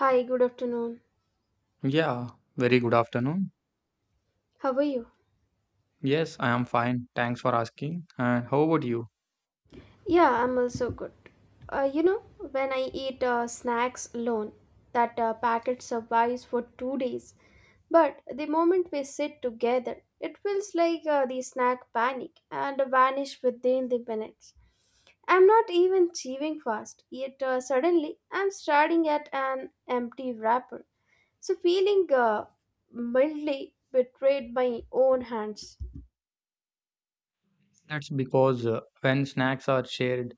Hi, good afternoon. Yeah, very good afternoon. How are you? Yes, I am fine. Thanks for asking. And how about you? Yeah, I'm also good. When I eat snacks alone, that packet survives for 2 days. But the moment we sit together, it feels like the snack panic and vanish within the minutes. I'm not even chewing fast, yet suddenly I'm staring at an empty wrapper. So feeling mildly betrayed by own hands. That's because when snacks are shared,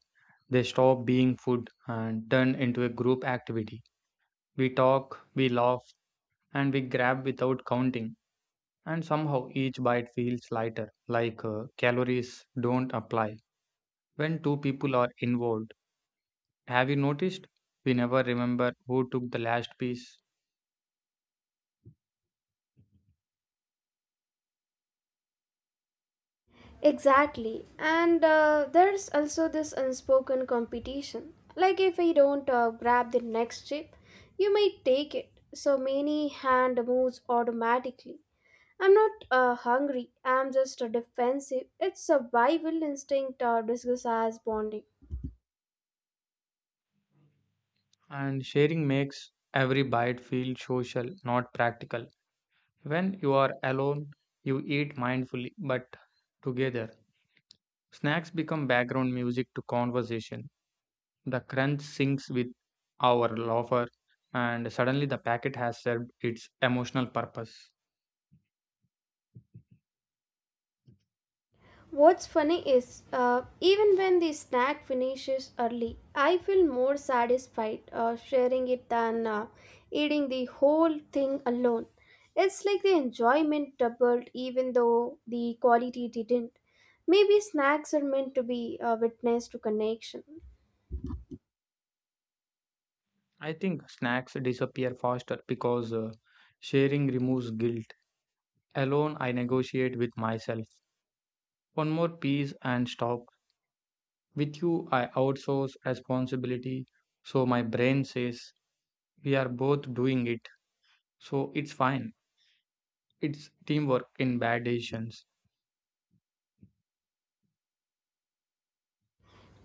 they stop being food and turn into a group activity. We talk, we laugh, and we grab without counting. And somehow each bite feels lighter, like calories don't apply. When two people are involved, have you noticed? We never remember who took the last piece. Exactly. And there's also this unspoken competition. Like if I don't grab the next chip, you might take it. So many hand moves automatically. I'm not hungry. I'm just defensive. It's survival instinct disguised as bonding. And sharing makes every bite feel social, not practical. When you are alone, you eat mindfully but together. Snacks become background music to conversation. The crunch syncs with our loafer, and suddenly the packet has served its emotional purpose. What's funny is, even when the snack finishes early, I feel more satisfied sharing it than eating the whole thing alone. It's like the enjoyment doubled, even though the quality didn't. Maybe snacks are meant to be witness to connection. I think snacks disappear faster because sharing removes guilt. Alone, I negotiate with myself. One more piece and stop. With you, I outsource responsibility, so my brain says, we are both doing it, so it's fine. It's teamwork in bad decisions.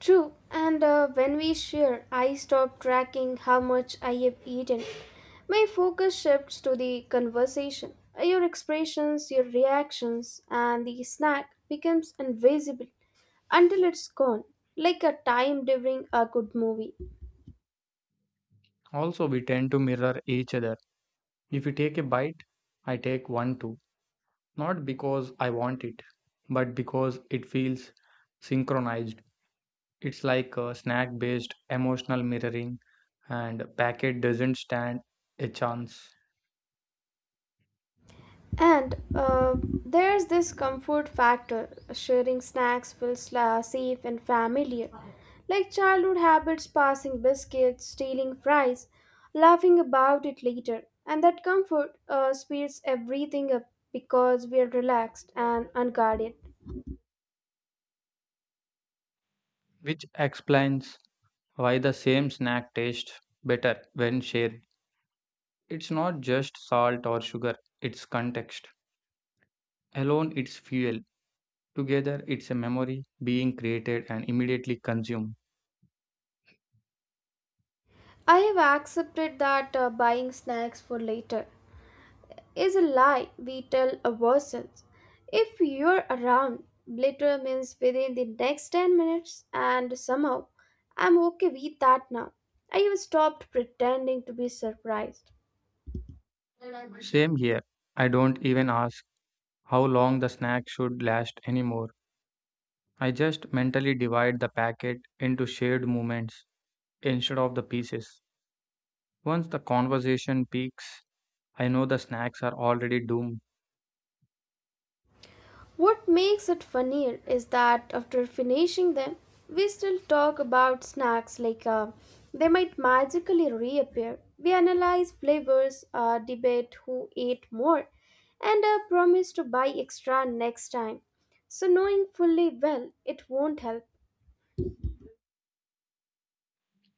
True, and when we share, I stop tracking how much I have eaten. My focus shifts to the conversation. Your expressions, your reactions, and the snack becomes invisible until it's gone, like a time during a good movie. Also, we tend to mirror each other. If you take a bite, I take one too. Not because I want it, but because it feels synchronized. It's like a snack based emotional mirroring, and packet doesn't stand a chance, And there's this comfort factor. Sharing snacks feels safe and familiar. Like childhood habits, passing biscuits, stealing fries, laughing about it later. And that comfort speeds everything up because we are relaxed and unguarded. which explains why the same snack tastes better when shared. It's not just salt or sugar, it's context. Alone, it's fuel. Together, it's a memory being created and immediately consumed. I have accepted that buying snacks for later is a lie we tell ourselves. If you're around, later means within the next 10 minutes, and somehow I'm okay with that now. I have stopped pretending to be surprised. Same here. I don't even ask how long the snack should last anymore. I just mentally divide the packet into shared moments instead of the pieces. Once the conversation peaks, I know the snacks are already doomed. What makes it funnier is that after finishing them, we still talk about snacks like they might magically reappear. We analyze flavors, debate who ate more, and promise to buy extra next time. So, knowing fully well, it won't help.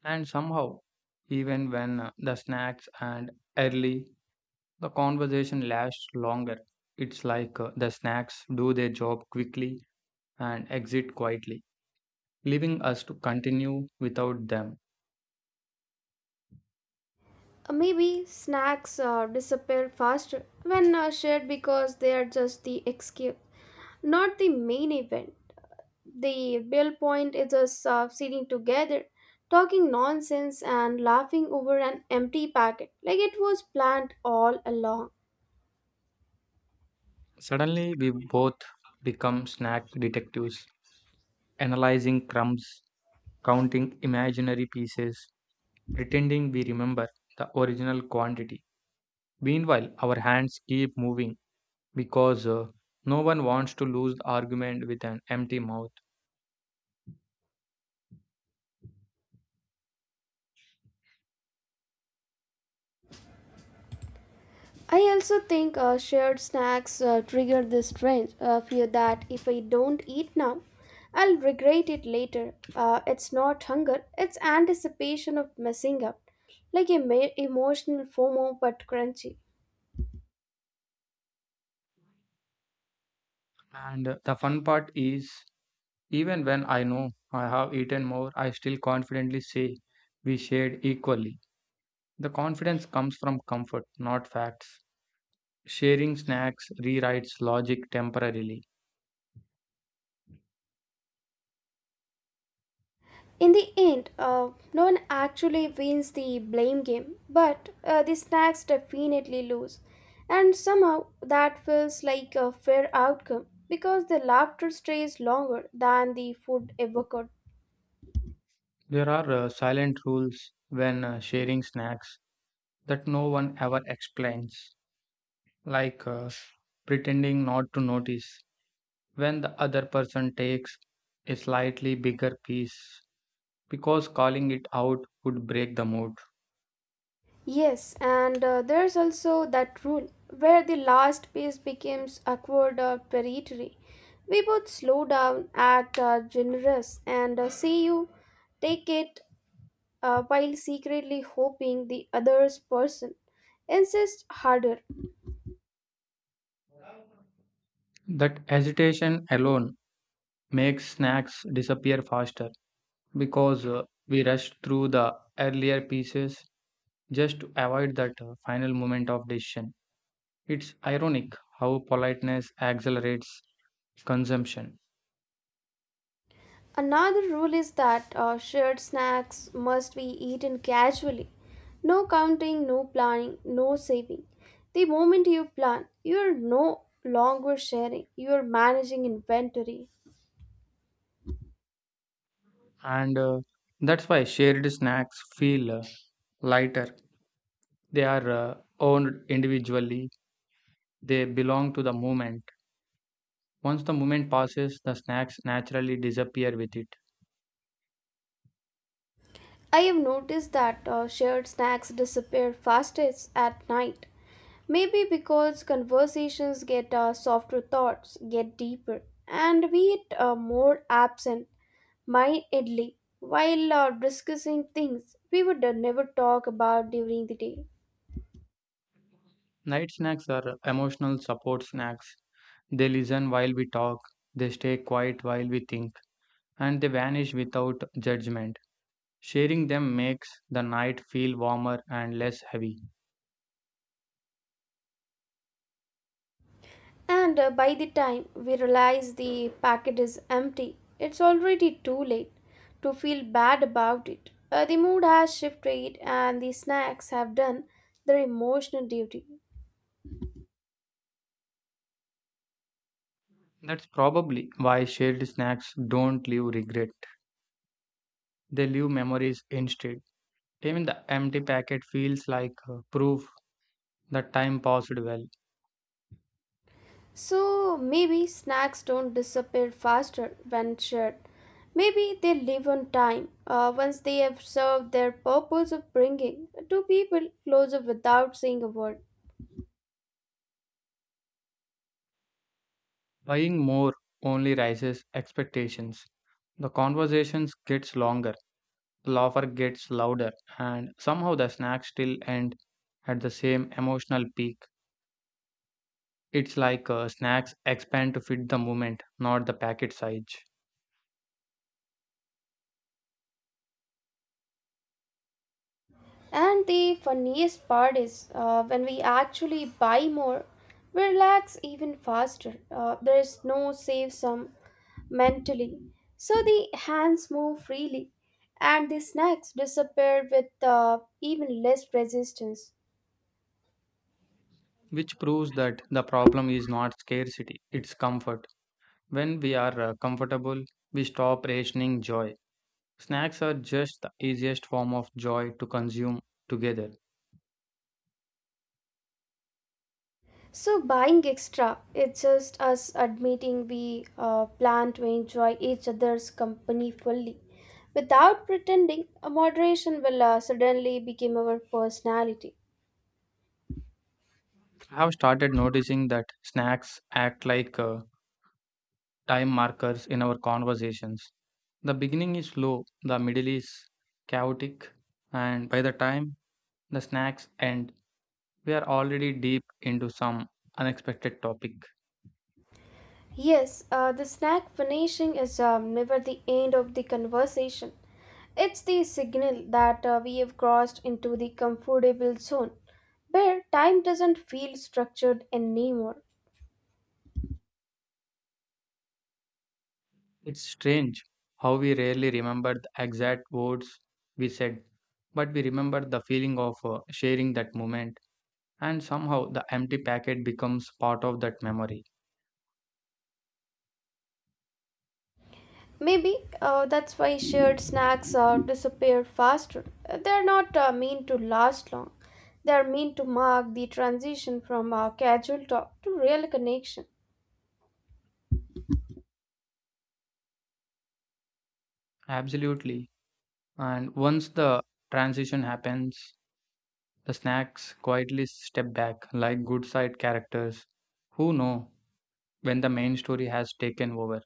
And somehow, even when the snacks and early, the conversation lasts longer. It's like the snacks do their job quickly and exit quietly, leaving us to continue without them. Maybe snacks disappear faster when shared because they are just the excuse, not the main event. The real point is us sitting together, talking nonsense and laughing over an empty packet, like it was planned all along. Suddenly, we both become snack detectives, analyzing crumbs, counting imaginary pieces, pretending we remember the original quantity. Meanwhile, our hands keep moving because no one wants to lose the argument with an empty mouth. I also think shared snacks trigger this strange fear that if I don't eat now, I'll regret it later. It's not hunger, it's anticipation of messing up, like a emotional FOMO but crunchy. And the fun part is, even when I know I have eaten more, I still confidently say we shared equally. The confidence comes from comfort, not facts. Sharing snacks rewrites logic temporarily. In the end, no one actually wins the blame game, but the snacks definitely lose. And somehow that feels like a fair outcome because the laughter stays longer than the food ever could. There are silent rules when sharing snacks that no one ever explains, like pretending not to notice when the other person takes a slightly bigger piece because calling it out would break the mood. Yes, and there's also that rule where the last piece becomes awkward or predatory. We both slow down, act generous, and see you take it while secretly hoping the other's person insists harder. That hesitation alone makes snacks disappear faster because we rush through the earlier pieces just to avoid that final moment of decision. It's ironic how politeness accelerates consumption, Another rule is that shared snacks must be eaten casually. No counting, no planning, no saving. The moment you plan, you are no longer sharing, you are managing inventory. and that's why shared snacks feel lighter. They are owned individually, they belong to the moment. Once the moment passes, the snacks naturally disappear with it. I have noticed that shared snacks disappear fastest at night. Maybe because conversations get softer thoughts, get deeper, and we get more absent mindedly while discussing things we would never talk about during the day. Night snacks are emotional support snacks. They listen while we talk, they stay quiet while we think, and they vanish without judgment. Sharing them makes the night feel warmer and less heavy. And by the time we realize the packet is empty, it's already too late to feel bad about it. The mood has shifted and the snacks have done their emotional duty. That's probably why shared snacks don't leave regret. They leave memories instead. Even the empty packet feels like proof that time passed well. So maybe snacks don't disappear faster when shared. Maybe they live on time once they have served their purpose of bringing two people closer without saying a word. Buying more only raises expectations. The conversations gets longer, the laughter gets louder, and somehow the snacks still end at the same emotional peak. It's like snacks expand to fit the moment, not the packet size, And the funniest part is when we actually buy more, we relax even faster. There is no save sum mentally. So the hands move freely and the snacks disappear with even less resistance. which proves that the problem is not scarcity, it's comfort. When we are comfortable, we stop rationing joy. Snacks are just the easiest form of joy to consume together. So, buying extra, it's just us admitting we plan to enjoy each other's company fully. Without pretending, a moderation will suddenly become our personality. I have started noticing that snacks act like time markers in our conversations. The beginning is slow, the middle is chaotic, and by the time the snacks end, we are already deep into some unexpected topic. Yes, the snack finishing is never the end of the conversation. It's the signal that we have crossed into the comfortable zone, where time doesn't feel structured anymore. It's strange how we rarely remember the exact words we said, but we remember the feeling of sharing that moment, and somehow the empty packet becomes part of that memory. Maybe that's why shared snacks disappear faster. They're not meant to last long. They're meant to mark the transition from casual talk to real connection. Absolutely. And once the transition happens, the snacks quietly step back like good side characters who know when the main story has taken over.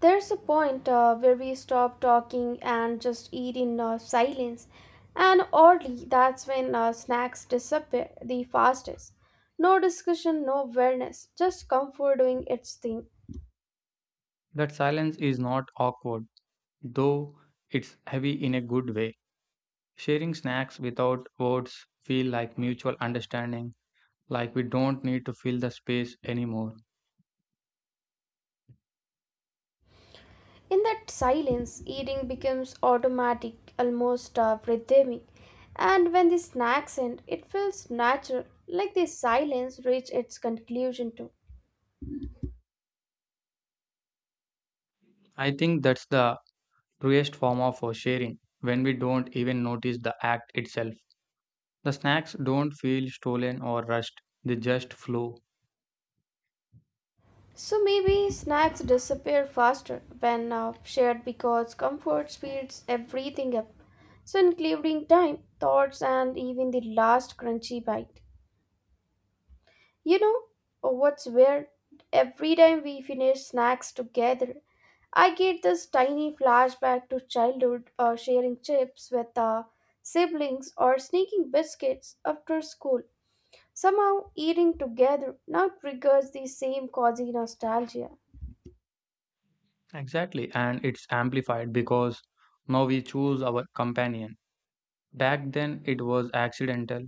There's a point where we stop talking and just eat in silence. And oddly, that's when snacks disappear the fastest. No discussion, no wellness, just comfort doing its thing. That silence is not awkward, though it's heavy in a good way. Sharing snacks without words feel like mutual understanding, like we don't need to fill the space anymore. In that silence, eating becomes automatic, almost rhythmic. And when the snacks end, it feels natural, like the silence reached its conclusion too. I think that's the truest form of sharing when we don't even notice the act itself. The snacks don't feel stolen or rushed, they just flow. So maybe snacks disappear faster when shared because comfort speeds everything up. So including time, thoughts, and even the last crunchy bite. You know what's weird? Every time we finish snacks together, I get this tiny flashback to childhood sharing chips with siblings or sneaking biscuits after school. Somehow, eating together now triggers the same cozy nostalgia. Exactly, and it's amplified because now we choose our companion. Back then, it was accidental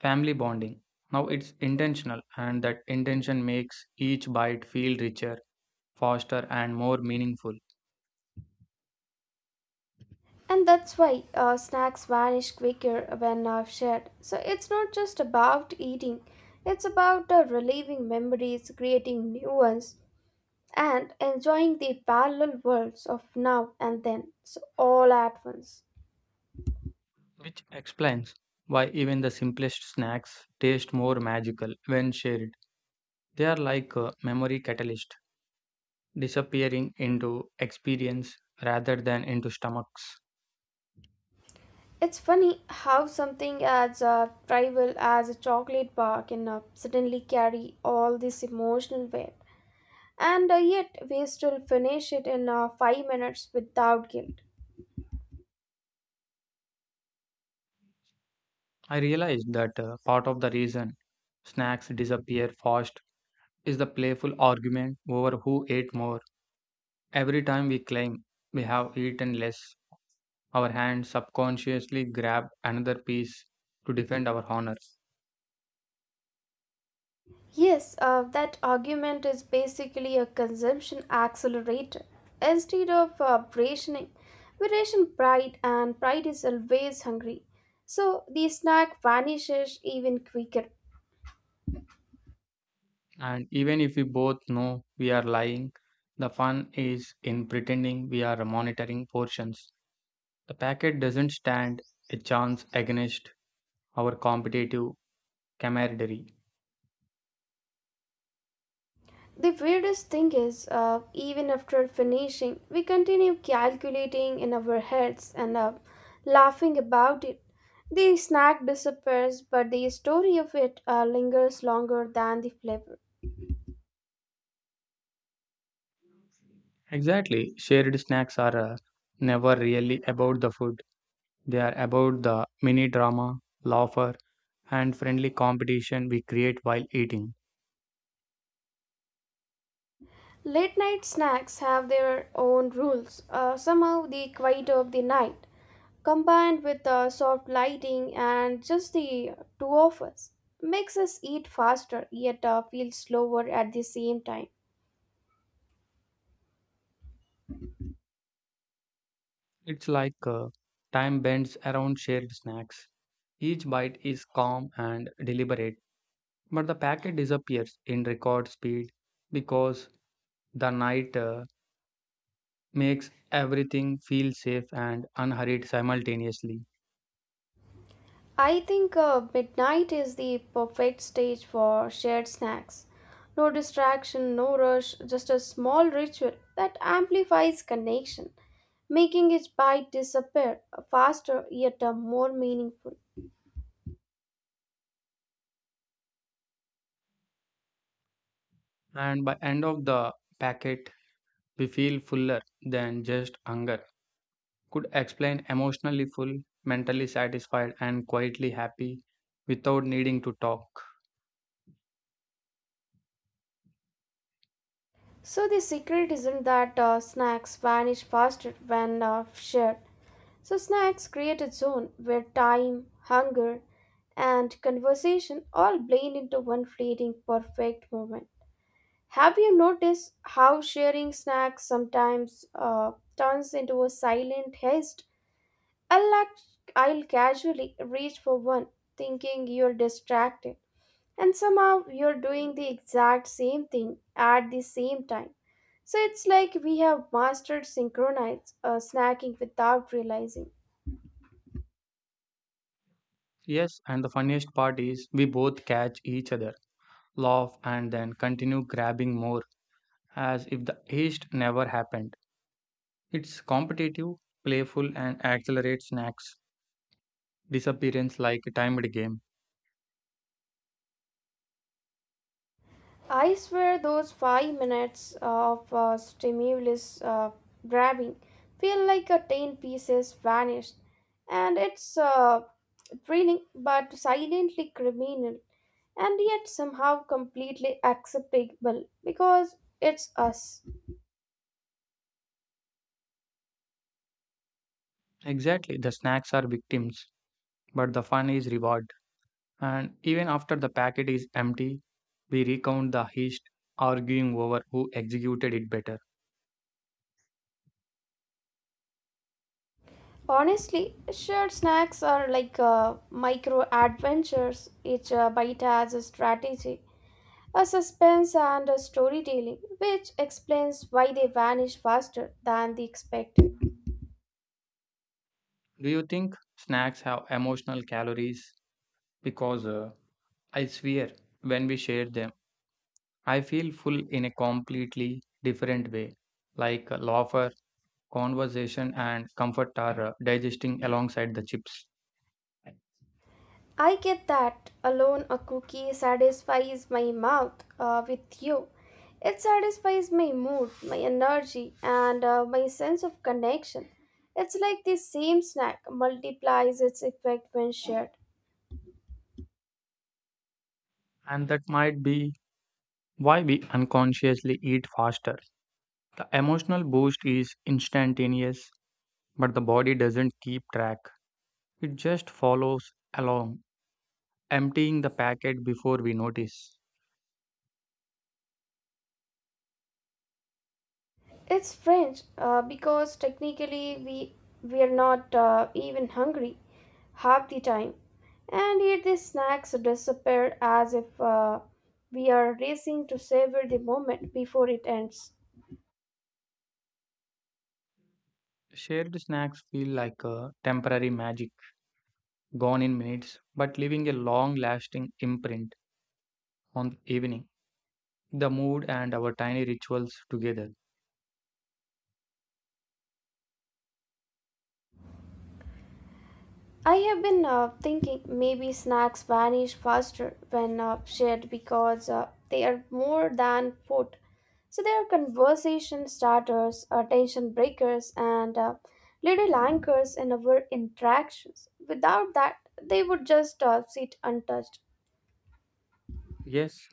family bonding. Now it's intentional, and that intention makes each bite feel richer, faster, and more meaningful, And that's why snacks vanish quicker when shared. So it's not just about eating, it's about reliving memories, creating new ones, and enjoying the parallel worlds of now and then so all at once. which explains why even the simplest snacks taste more magical when shared. They are like a memory catalyst, disappearing into experience rather than into stomachs. It's funny how something as trivial as a chocolate bar can suddenly carry all this emotional weight, and yet we still finish it in 5 minutes without guilt. I realized that part of the reason snacks disappear fast is the playful argument over who ate more. Every time we claim we have eaten less, our hands subconsciously grab another piece to defend our honor. Yes, that argument is basically a consumption accelerator. Instead of rationing, we ration pride, and pride is always hungry. So the snack vanishes even quicker. And even if we both know we are lying, the fun is in pretending we are monitoring portions. The packet doesn't stand a chance against our competitive camaraderie. The weirdest thing is, even after finishing, we continue calculating in our heads and laughing about it. The snack disappears, but the story of it lingers longer than the flavor. Exactly, shared snacks are never really about the food, they are about the mini drama, laughter, and friendly competition we create while eating. Late night snacks have their own rules. Somehow, the quiet of the night, combined with the soft lighting and just the two of us, makes us eat faster yet feel slower at the same time. It's like time bends around shared snacks. Each bite is calm and deliberate, but the packet disappears in record speed because the night makes everything feel safe and unhurried simultaneously. I think midnight is the perfect stage for shared snacks. No distraction, no rush, just a small ritual that amplifies connection, making each bite disappear faster yet more meaningful. And by end of the packet, we feel fuller than just hunger. Could explain emotionally full, mentally satisfied, and quietly happy without needing to talk. So the secret isn't that snacks vanish faster when shared. So snacks create a zone where time, hunger, and conversation all blend into one fleeting perfect moment. Have you noticed how sharing snacks sometimes turns into a silent haste? I'll, act- I'll casually reach for one, thinking you're distracted, and somehow you're doing the exact same thing at the same time. So it's like we have mastered synchronized snacking without realizing. Yes, and the funniest part is we both catch each other laugh, and then continue grabbing more as if the heist never happened. It's competitive, playful, and accelerates snacks disappearance like a timed game. I swear those 5 minutes of stimulus grabbing feel like a ten pieces vanished, and it's thrilling but silently criminal, and yet somehow completely acceptable because it's us. Exactly, the snacks are victims, but the fun is reward. And even after the packet is empty, we recount the heist, arguing over who executed it better. Honestly, shared snacks are like micro adventures. Each bite has a strategy, a suspense, and a storytelling, which explains why they vanish faster than the expected. Do you think snacks have emotional calories? Because I swear, when we share them, I feel full in a completely different way. Like laughter, conversation, and comfort are digesting alongside the chips. I get that alone a cookie satisfies my mouth with you. It satisfies my mood, my energy, and my sense of connection. It's like the same snack multiplies its effect when shared. And that might be why we unconsciously eat faster. The emotional boost is instantaneous, but the body doesn't keep track. It just follows along, emptying the packet before we notice. It's French because technically we are not even hungry half the time, and yet the snacks disappear as if we are racing to savor the moment before it ends. Shared snacks feel like a temporary magic, gone in minutes, but leaving a long lasting imprint on the evening, the mood and our tiny rituals together. I have been thinking maybe snacks vanish faster when shared because they are more than food. So they are conversation starters, attention breakers, and little anchors in our interactions. Without that, they would just sit untouched. Yes,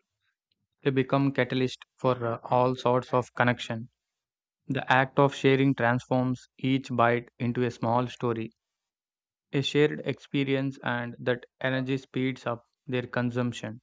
they become catalyst for all sorts of connection. The act of sharing transforms each bite into a small story, a shared experience, and that energy speeds up their consumption.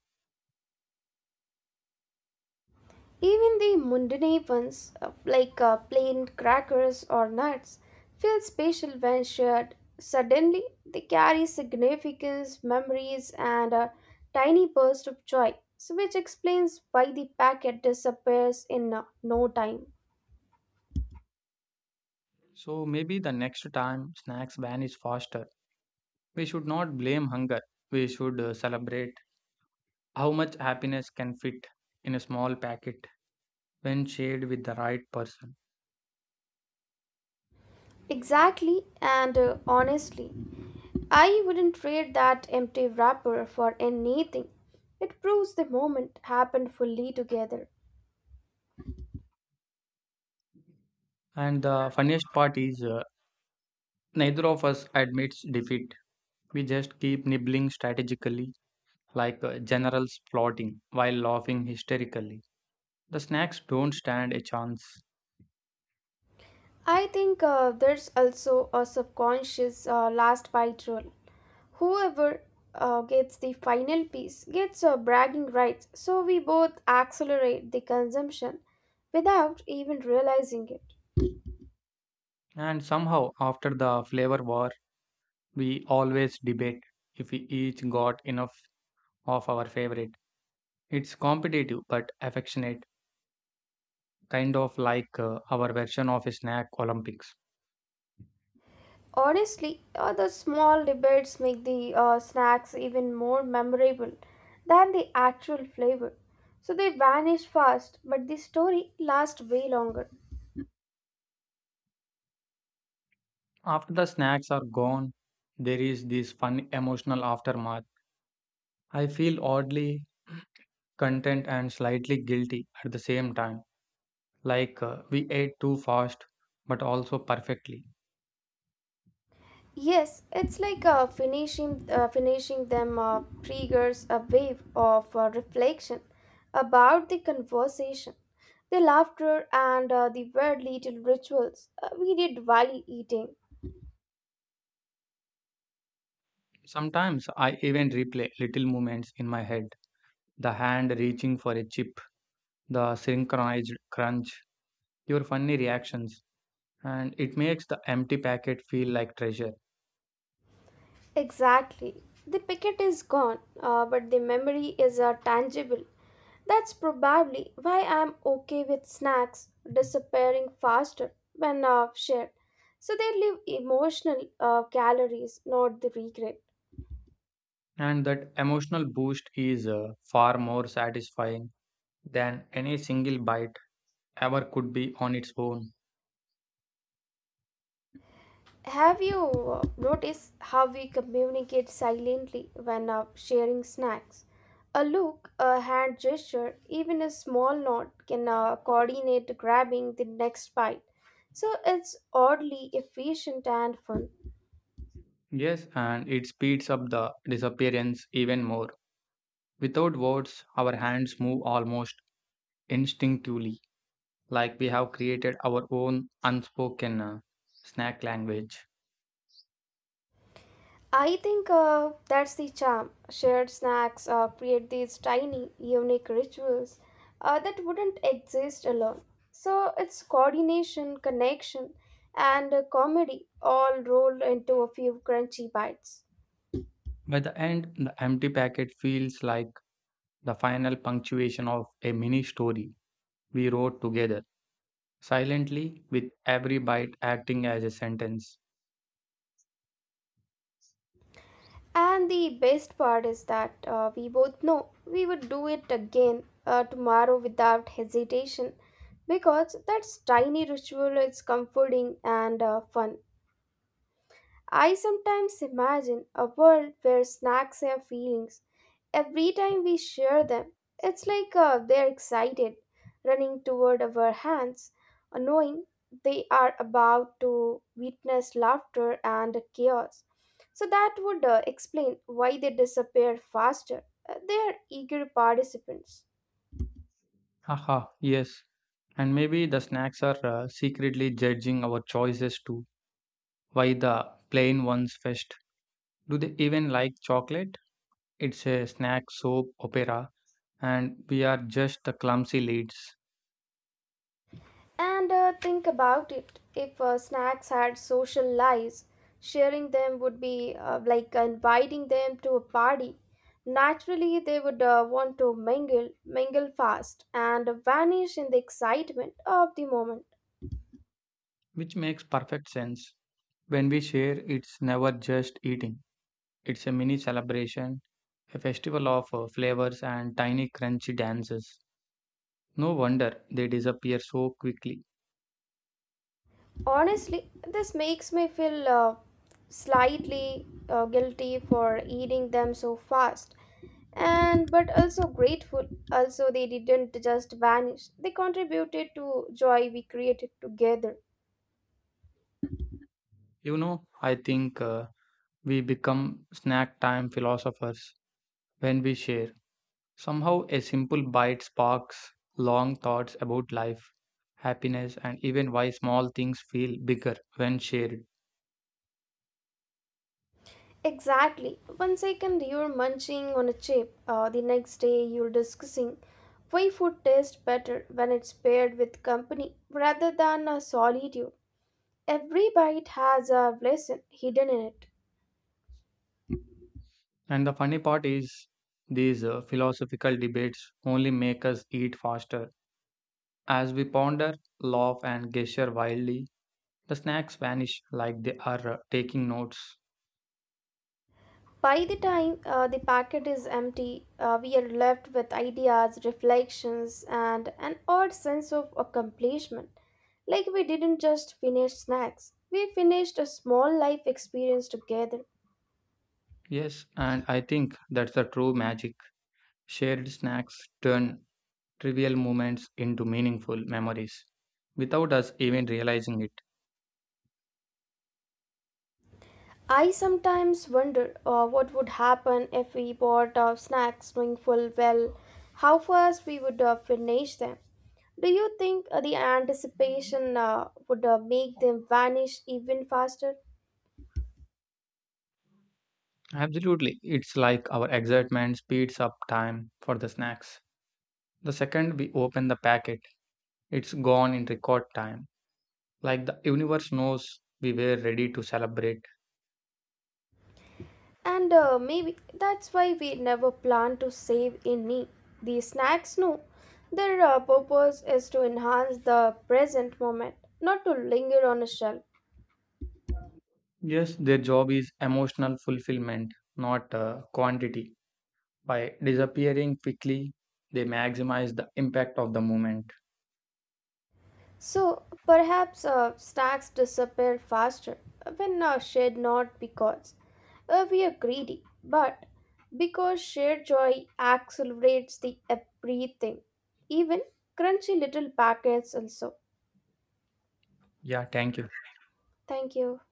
Even the mundane ones, like plain crackers or nuts, feel special when shared. Suddenly, they carry significance, memories, and a tiny burst of joy, so which explains why the packet disappears in no time. So maybe the next time snacks vanish faster, we should not blame hunger. We should celebrate how much happiness can fit in a small packet when shared with the right person. Exactly, and honestly, I wouldn't trade that empty wrapper for anything. It proves the moment happened fully together. And the funniest part is neither of us admits defeat. We just keep nibbling strategically, like generals plotting, while laughing hysterically. The snacks don't stand a chance. I think there's also a subconscious last bite rule. Whoever gets the final piece gets bragging rights, so we both accelerate the consumption without even realizing it. And somehow, after the flavor war, we always debate if we each got enough of our favorite. It's competitive but affectionate, kind of like our version of a snack Olympics. Honestly, the small debates make the snacks even more memorable than the actual flavor. So they vanish fast, but the story lasts way longer. After the snacks are gone, there is this fun emotional aftermath. I feel oddly content and slightly guilty at the same time. Like we ate too fast, but also perfectly. Yes, it's like finishing them triggers a wave of reflection about the conversation, the laughter, and the weird little rituals we did while eating. Sometimes I even replay little moments in my head, the hand reaching for a chip, the synchronized crunch, your funny reactions, and it makes the empty packet feel like treasure. Exactly, the packet is gone, but the memory is tangible. That's probably why I'm okay with snacks disappearing faster when shared, so they leave emotional calories, not the regret. And that emotional boost is far more satisfying than any single bite ever could be on its own. Have you noticed how we communicate silently when sharing snacks? A look, a hand gesture, even a small nod can coordinate grabbing the next bite. So it's oddly efficient and fun. Yes, and it speeds up the disappearance even more. Without words, our hands move almost instinctively, like we have created our own unspoken snack language. I think that's the charm. Shared snacks create these tiny, unique rituals that wouldn't exist alone. So it's coordination, connection, and comedy all rolled into a few crunchy bites. By the end, the empty packet feels like the final punctuation of a mini story we wrote together, silently, with every bite acting as a sentence. And the best part is that we both know we would do it again tomorrow without hesitation because that tiny ritual is comforting and fun. I sometimes imagine a world where snacks have feelings. Every time we share them, it's like they're excited, running toward our hands, knowing they are about to witness laughter and chaos. So that would explain why they disappear faster. They are eager participants. Haha, yes. And maybe the snacks are secretly judging our choices too. Why the plain ones first? Do they even like chocolate? It's a snack soap opera and we are just the clumsy leads, And think about it, if snacks had social lives, sharing them would be like inviting them to a party. Naturally, they would want to mingle fast, and vanish in the excitement of the moment. which makes perfect sense. When we share, it's never just eating, it's a mini celebration, a festival of flavors and tiny crunchy dances. No wonder they disappear so quickly. Honestly, this makes me feel slightly guilty for eating them so fast and but also grateful also they didn't just vanish they contributed to joy we created together. You know, I think we become snack time philosophers when we share. Somehow, a simple bite sparks long thoughts about life, happiness, and even why small things feel bigger when shared. Exactly. One second you're munching on a chip, the next day you're discussing why food tastes better when it's paired with company rather than a solitude. Every bite has a lesson hidden in it. And the funny part is, these philosophical debates only make us eat faster. As we ponder, laugh, and gesture wildly, the snacks vanish like they are taking notes. By the time the packet is empty, we are left with ideas, reflections, and an odd sense of accomplishment. Like we didn't just finish snacks, we finished a small life experience together. Yes, and I think that's the true magic. Shared snacks turn trivial moments into meaningful memories without us even realizing it. I sometimes wonder what would happen if we bought our snacks knowing full well how fast we would finish them. Do you think the anticipation would make them vanish even faster? Absolutely, it's like our excitement speeds up time for the snacks. The second we open the packet, it's gone in record time, like the universe knows we were ready to celebrate. And maybe that's why we never plan to save any. These snacks no. Their purpose is to enhance the present moment, not to linger on a shelf. Yes, their job is emotional fulfillment, not quantity. By disappearing quickly, they maximize the impact of the moment. So perhaps snacks disappear faster when shared not because we are greedy, but because shared joy accelerates the everything, even crunchy little packets also. Yeah, thank you. Thank you.